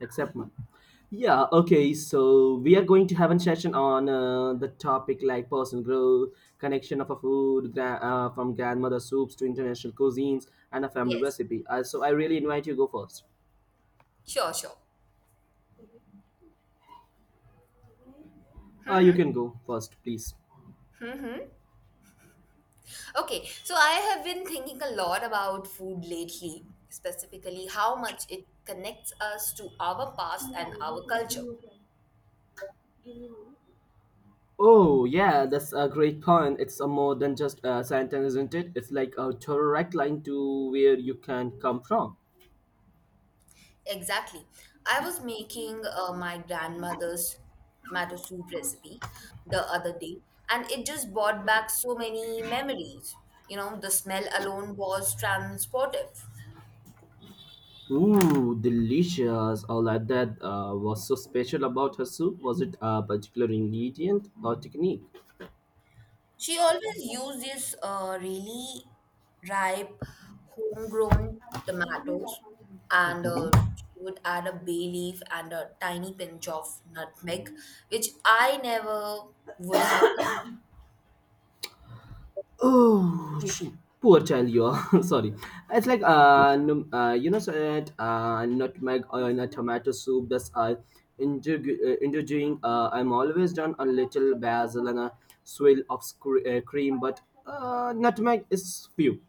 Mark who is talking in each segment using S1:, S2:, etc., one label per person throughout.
S1: Except mine. Yeah, okay, so we are going to have a session on the topic like personal growth, connection of a from grandmother soups to international cuisines, and a family
S2: Yes,
S1: recipe. So I really invite you to go first.
S2: sure, sure.
S1: You can go first, please.
S2: hmm Okay, so I have been thinking a lot about food lately, specifically how much it connects us to our past and our culture.
S1: Oh, yeah, that's a great point. It's a more than just a sentence, isn't it? It's like a direct line to where you can come from.
S2: Exactly. I was making my grandmother's tomato soup recipe the other day, and it just brought back so many memories. You know, the smell alone was transportive.
S1: Ooh, delicious! All that was so special about her soup, was it a particular ingredient or technique?
S2: She always used this really ripe homegrown tomatoes, and
S1: Mhm.
S2: she would add a bay leaf and a tiny pinch of nutmeg, which I never would have.
S1: Oh, shit. Poor child, you are. Sorry, it's like so that nutmeg in a tomato soup. That's interviewing. I'm always done a little basil and a swill of cream, but nutmeg is few.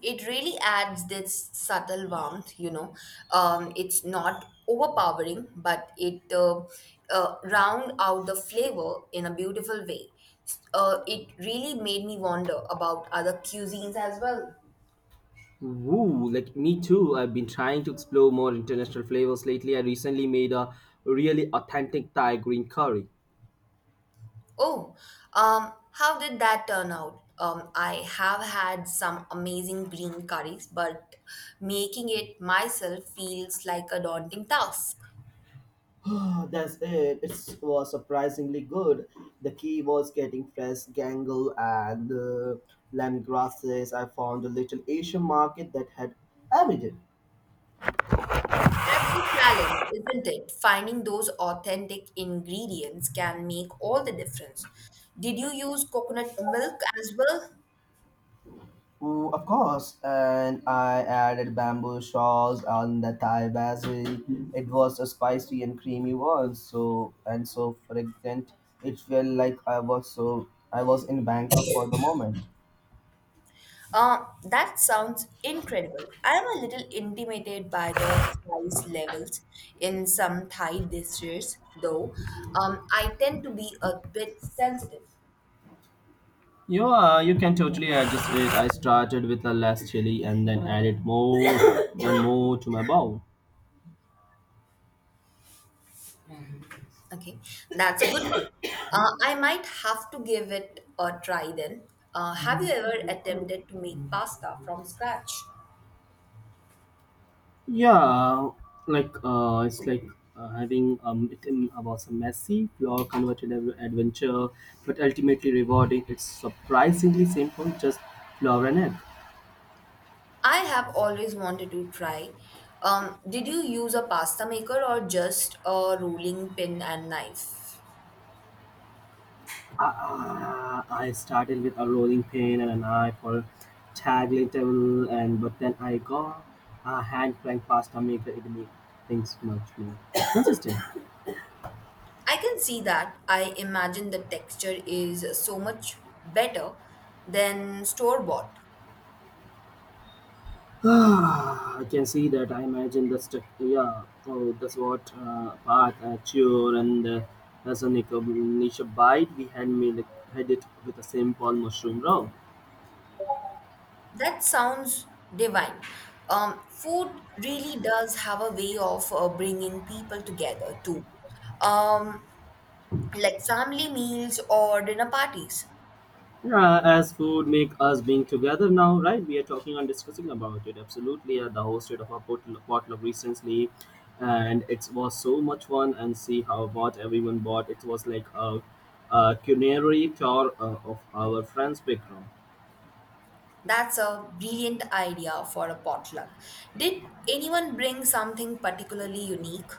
S2: It really adds this subtle warmth, you know. It's not overpowering, but it round out the flavor in a beautiful way. It really made me wonder about other cuisines as well.
S1: Woo, like me too. I've been trying to explore more international flavors lately. I recently made a really authentic Thai green curry.
S2: Oh, how did that turn out? I have had some amazing green curries, but making it myself feels like a daunting task.
S1: That's it. It was surprisingly good. The key was getting fresh gangle and lemongrasses. I found a little Asian market that had everything.
S2: That's the challenge, isn't it? Finding those authentic ingredients can make all the difference. Did you use coconut milk as well?
S1: Mm, of course, and I added bamboo shawls on the Thai basil. It was a spicy and creamy one, so and so fragrant. It felt like I was so I was in Bangkok for the moment.
S2: Uh, that sounds incredible. I'm a little intimidated by the spice levels in some Thai dishes, though. I tend to be a bit sensitive.
S1: You are, you can totally adjust it. I started with a less chili and then added more and more to my bowl.
S2: Okay, that's a good tip. I might have to give it a try then. Have you ever attempted to make pasta from scratch?
S1: Yeah, like it's like having it in about some messy, pure, adventure, but ultimately rewarding. It's surprisingly simple, just flour and egg.
S2: I have always wanted to try. Did you use a pasta maker or just a rolling pin and knife?
S1: I started with a rolling pin and an knife for tackling table, and but then I got a hand crank pasta maker. It made things much more consistent.
S2: I can see that. I imagine the texture is so much better than store bought.
S1: Ah, I can see that. I imagine the stuff. Yeah, oh, that's what path cheer and as a niche bite. We had it with a simple mushroom roll.
S2: That sounds divine. Food really does have a way of bringing people together too, um, like family meals or dinner parties.
S1: Yeah, as food make us being together now, right? We are talking and discussing about it. Absolutely, the hosted of a potluck recently, and it was so much fun. And see how what everyone bought. It was like a culinary tour of our friends' background.
S2: That's a brilliant idea for a potluck. Did anyone bring something particularly unique?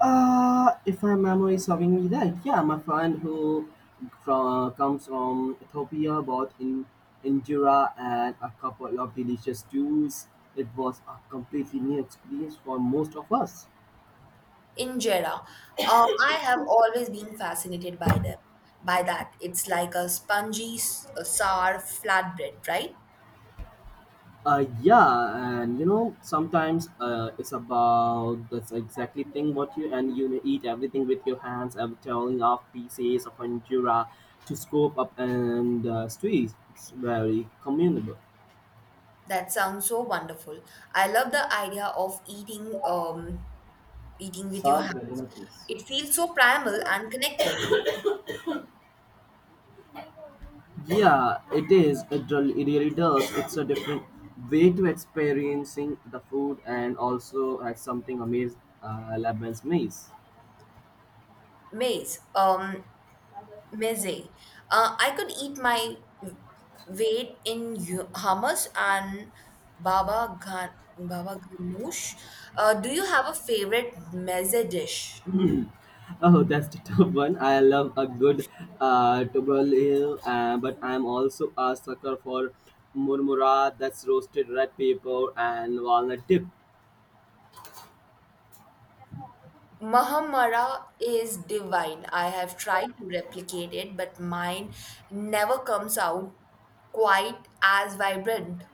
S1: If my memory is serving me right, yeah, my friend who comes from Ethiopia bought in injera and a couple of delicious stews. It was a completely new experience for most of us.
S2: Injera. I have always been fascinated by them, by that. It's like a spongy, a sour flatbread, right?
S1: Yeah, and you know, sometimes it's about that's exactly thing what you and you eat everything with your hands and tearing off pieces of injera to scoop up and stew. It's very communable.
S2: That sounds so wonderful. I love the idea of eating, eating with your
S1: Sandra, you
S2: hands.
S1: know, please.
S2: It feels so primal and connected. You know?
S1: Yeah, it is. It really does. It's a different way to experiencing the food, and also has something amazing. Lebanese maize.
S2: Maize. Meze, I could eat my w- weight in hummus and baba gan baba ganoush. Do you have a favorite meze dish?
S1: Oh, that's the top one. I love a good tuberle, but I'm also a sucker for murmura. That's roasted red pepper and walnut dip.
S2: Mahamara is divine. I have tried to replicate it, but mine never comes out quite as vibrant.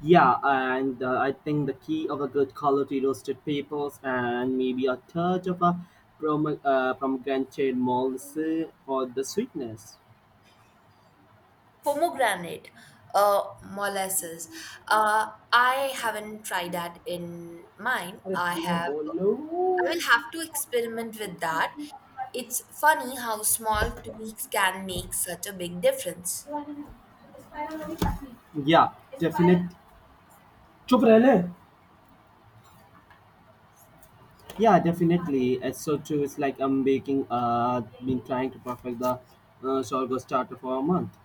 S1: Yeah, and I think the key of a good quality roasted peppers and maybe a touch of a pomegranate molasses for the sweetness.
S2: Pomegranate, molasses. I haven't tried that in mine.
S1: अरे
S2: I
S1: धीरे
S2: have
S1: बोलो
S2: I will have to experiment with that. It's funny how small tweaks can make such a big difference.
S1: Yeah, definite. चुप रहने Yeah, definitely. It's so true. It's like I'm baking. Been trying to perfect the sorghum starter for a month.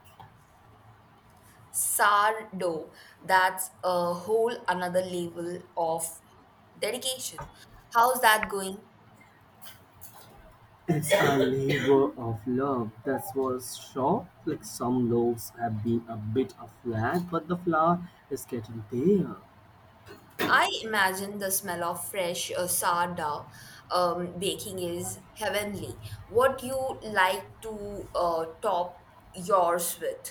S2: Sourdough, that's a whole another level of dedication. How's that going?
S1: It's a labor of love, that's for sure. Like some loaves have been a bit of flat, but the flour is getting there.
S2: I imagine the smell of fresh sourdough baking is heavenly. What do you like to top yours with?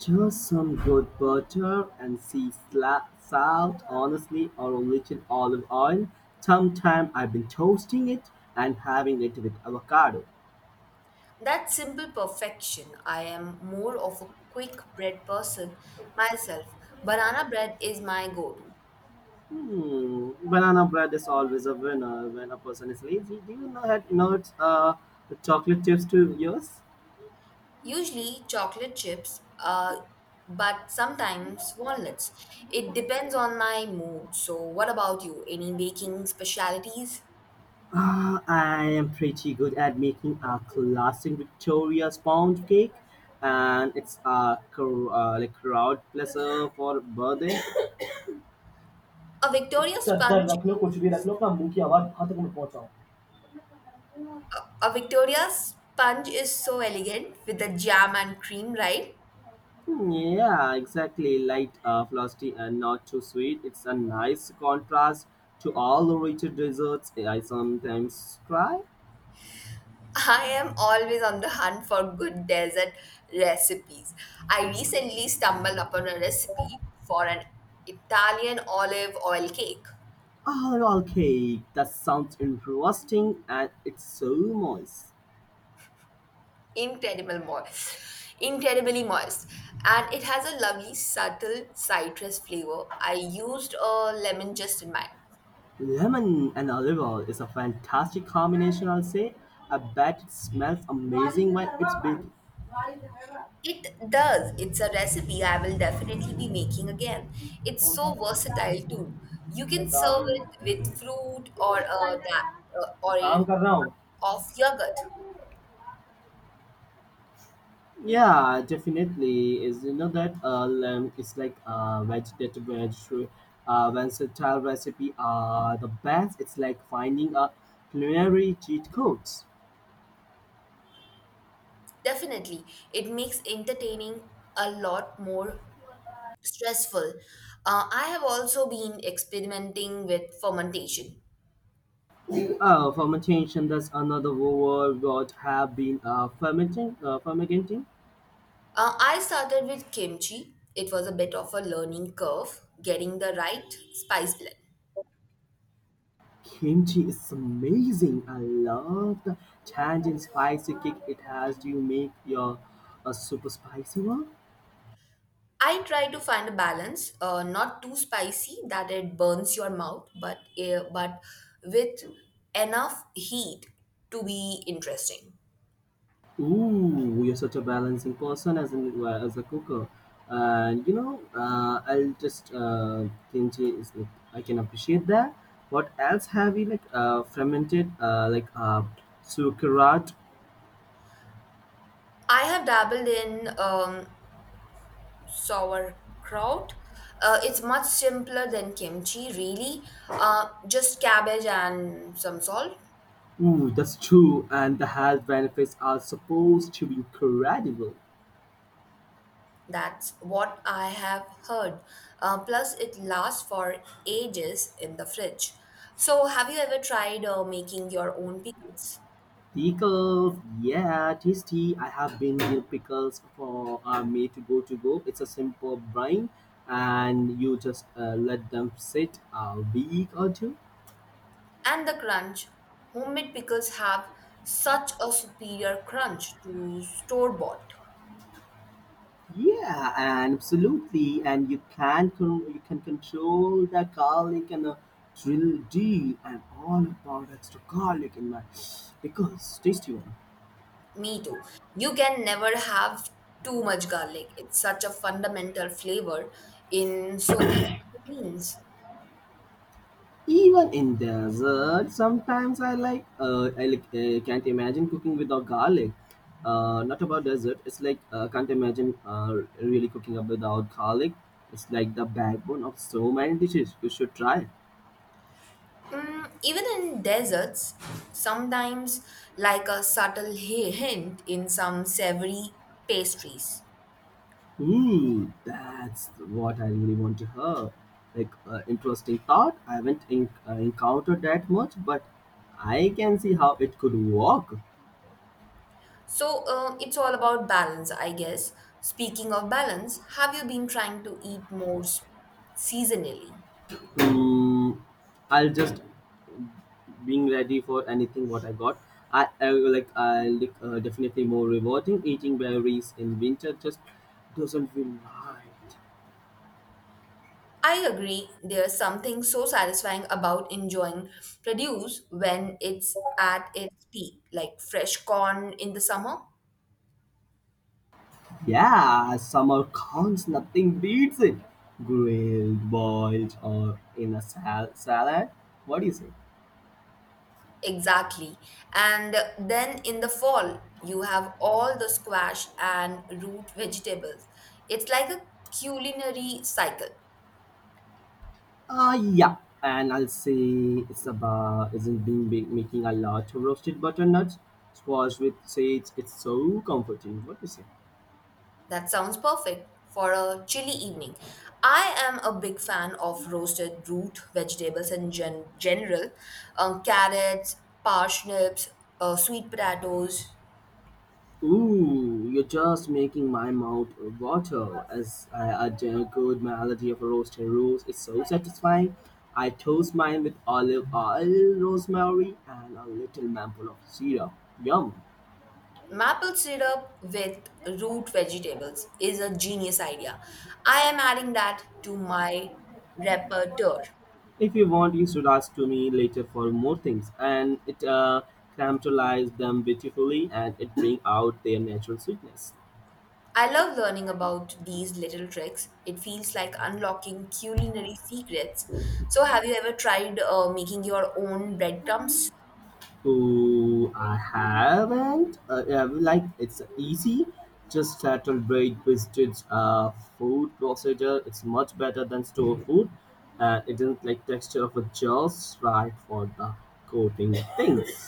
S1: Just some good butter and salt, honestly, or a little olive oil. Sometimes I've been toasting it and having it with avocado.
S2: That simple perfection. I am more of a quick bread person myself. Banana bread is my go to.
S1: Hmm, banana bread is always a winner when a person is lazy. Do you know that you know it's the chocolate chips to yours?
S2: Usually chocolate chips, but sometimes walnuts. It depends on my mood. So, what about you? Any baking specialities?
S1: I am pretty good at making a classic Victoria pound cake, and it's like crowd pleaser for birthday.
S2: A Victoria
S1: चद्दर
S2: sponge
S1: रख लो कुछ भी रख
S2: is
S1: लो अपना मुंह की आवाज वहां तक मैं पहुंचाऊं
S2: a Victoria sponge is so elegant with the jam and cream, right?
S1: Hmm, yeah, exactly. Light, frosty, and not too sweet. It's a nice contrast to all the richer desserts I sometimes try.
S2: I am always on the hunt for good desert recipes. I recently stumbled upon a recipe for an Italian olive oil cake.
S1: Oh, cake. That sounds interesting, and it's so moist.
S2: Incredible moist, incredibly moist, and it has a lovely subtle citrus flavor. I used a lemon just in mine.
S1: Lemon and olive oil is a fantastic combination, I'll say. I bet it smells amazing when it's baking.
S2: It does. It's a recipe I will definitely be making again. It's
S1: कौन
S2: so
S1: था
S2: versatile too. You can serve
S1: Dadu
S2: it with fruit or a or a
S1: काम कर रहा हूँ
S2: of yogurt.
S1: Yeah, definitely. Is you know that lamb is like a vegetable vegetable versatile recipe are the best. It's like finding a culinary cheat codes.
S2: Definitely, it makes entertaining a lot more stressful. I have also been experimenting with fermentation.
S1: Fermentation. That's another word. What have been fermenting? Fermenting.
S2: I started with kimchi. It was a bit of a learning curve, getting the right spice blend.
S1: Kimchi is amazing. I love the tangy and spicy kick it has. Do you make your a super spicy one?
S2: I try to find a balance, not too spicy that it burns your mouth, but with enough heat to be interesting.
S1: Ooh, you're such a balancing person as in well, as a cooker. And you know, I'll just kimchi is like I can appreciate that. What else have you fermented sauerkraut?
S2: I have dabbled in sauerkraut. It's much simpler than kimchi, really. Just cabbage and some salt.
S1: Ooh, that's true, and the health benefits are supposed to be incredible.
S2: That's what I have heard. Plus, it lasts for ages in the fridge. So, have you ever tried making your own pickles?
S1: Pickles, yeah, tasty. I have been deal pickles for me to go. It's a simple brine, and you just let them sit a week or two.
S2: And the crunch. Homemade pickles have such a superior crunch to store bought.
S1: Yeah, and absolutely, and you you can control the garlic and the drill D, and all about extra garlic in my pickles, tasty one.
S2: Me too. You can never have too much garlic. It's such a fundamental flavor in so many cuisines.
S1: Even in desert, sometimes I like can't imagine cooking without garlic. Not about desert. It's like can't imagine really cooking up without garlic. It's like the backbone of so many dishes. You should try.
S2: Mm, even in desserts, sometimes like a subtle hint in some savory pastries.
S1: Hmm, that's what I really want to hear. Like interesting thought. I haven't encountered that much, but I can see how it could work.
S2: So it's all about balance, I guess. Speaking of balance, have you been trying to eat more seasonally?
S1: Hmm, I'll just being ready for anything what I got. I will like I like definitely more rewarding eating berries in winter, just doesn't feel right.
S2: I agree, there's something so satisfying about enjoying produce when it's at its peak, like fresh corn in the summer.
S1: Yeah, summer counts nothing beats it. Grilled, boiled, or in a salad. What do you say?
S2: Exactly. And then in the fall, you have all the squash and root vegetables. It's like a culinary cycle.
S1: Uh, yeah. And I'll say it's about isn't being big, making a lot of roasted butternuts squash with sage. It's so comforting. What do you say?
S2: That sounds perfect for a chilly evening. I am a big fan of roasted root vegetables in general, carrots, parsnips, sweet potatoes.
S1: Ooh, you're just making my mouth water, as I adore good melody of a roasted rose. It's so satisfying. I toast mine with olive oil, rosemary, and a little mouthful of syrup. Yum!
S2: Maple syrup with root vegetables is a genius idea. I am adding that to my repertoire.
S1: If you want, you should ask to me later for more things. And it caramelizes them beautifully, and it brings out their natural sweetness.
S2: I love learning about these little tricks. It feels like unlocking culinary secrets. So, have you ever tried making your own breadcrumbs?
S1: Oh, I haven't. Yeah, like it's easy. Just settle, bread, biscuits, food processor. It's much better than store food. It isn't like texture of a just right for the coating things.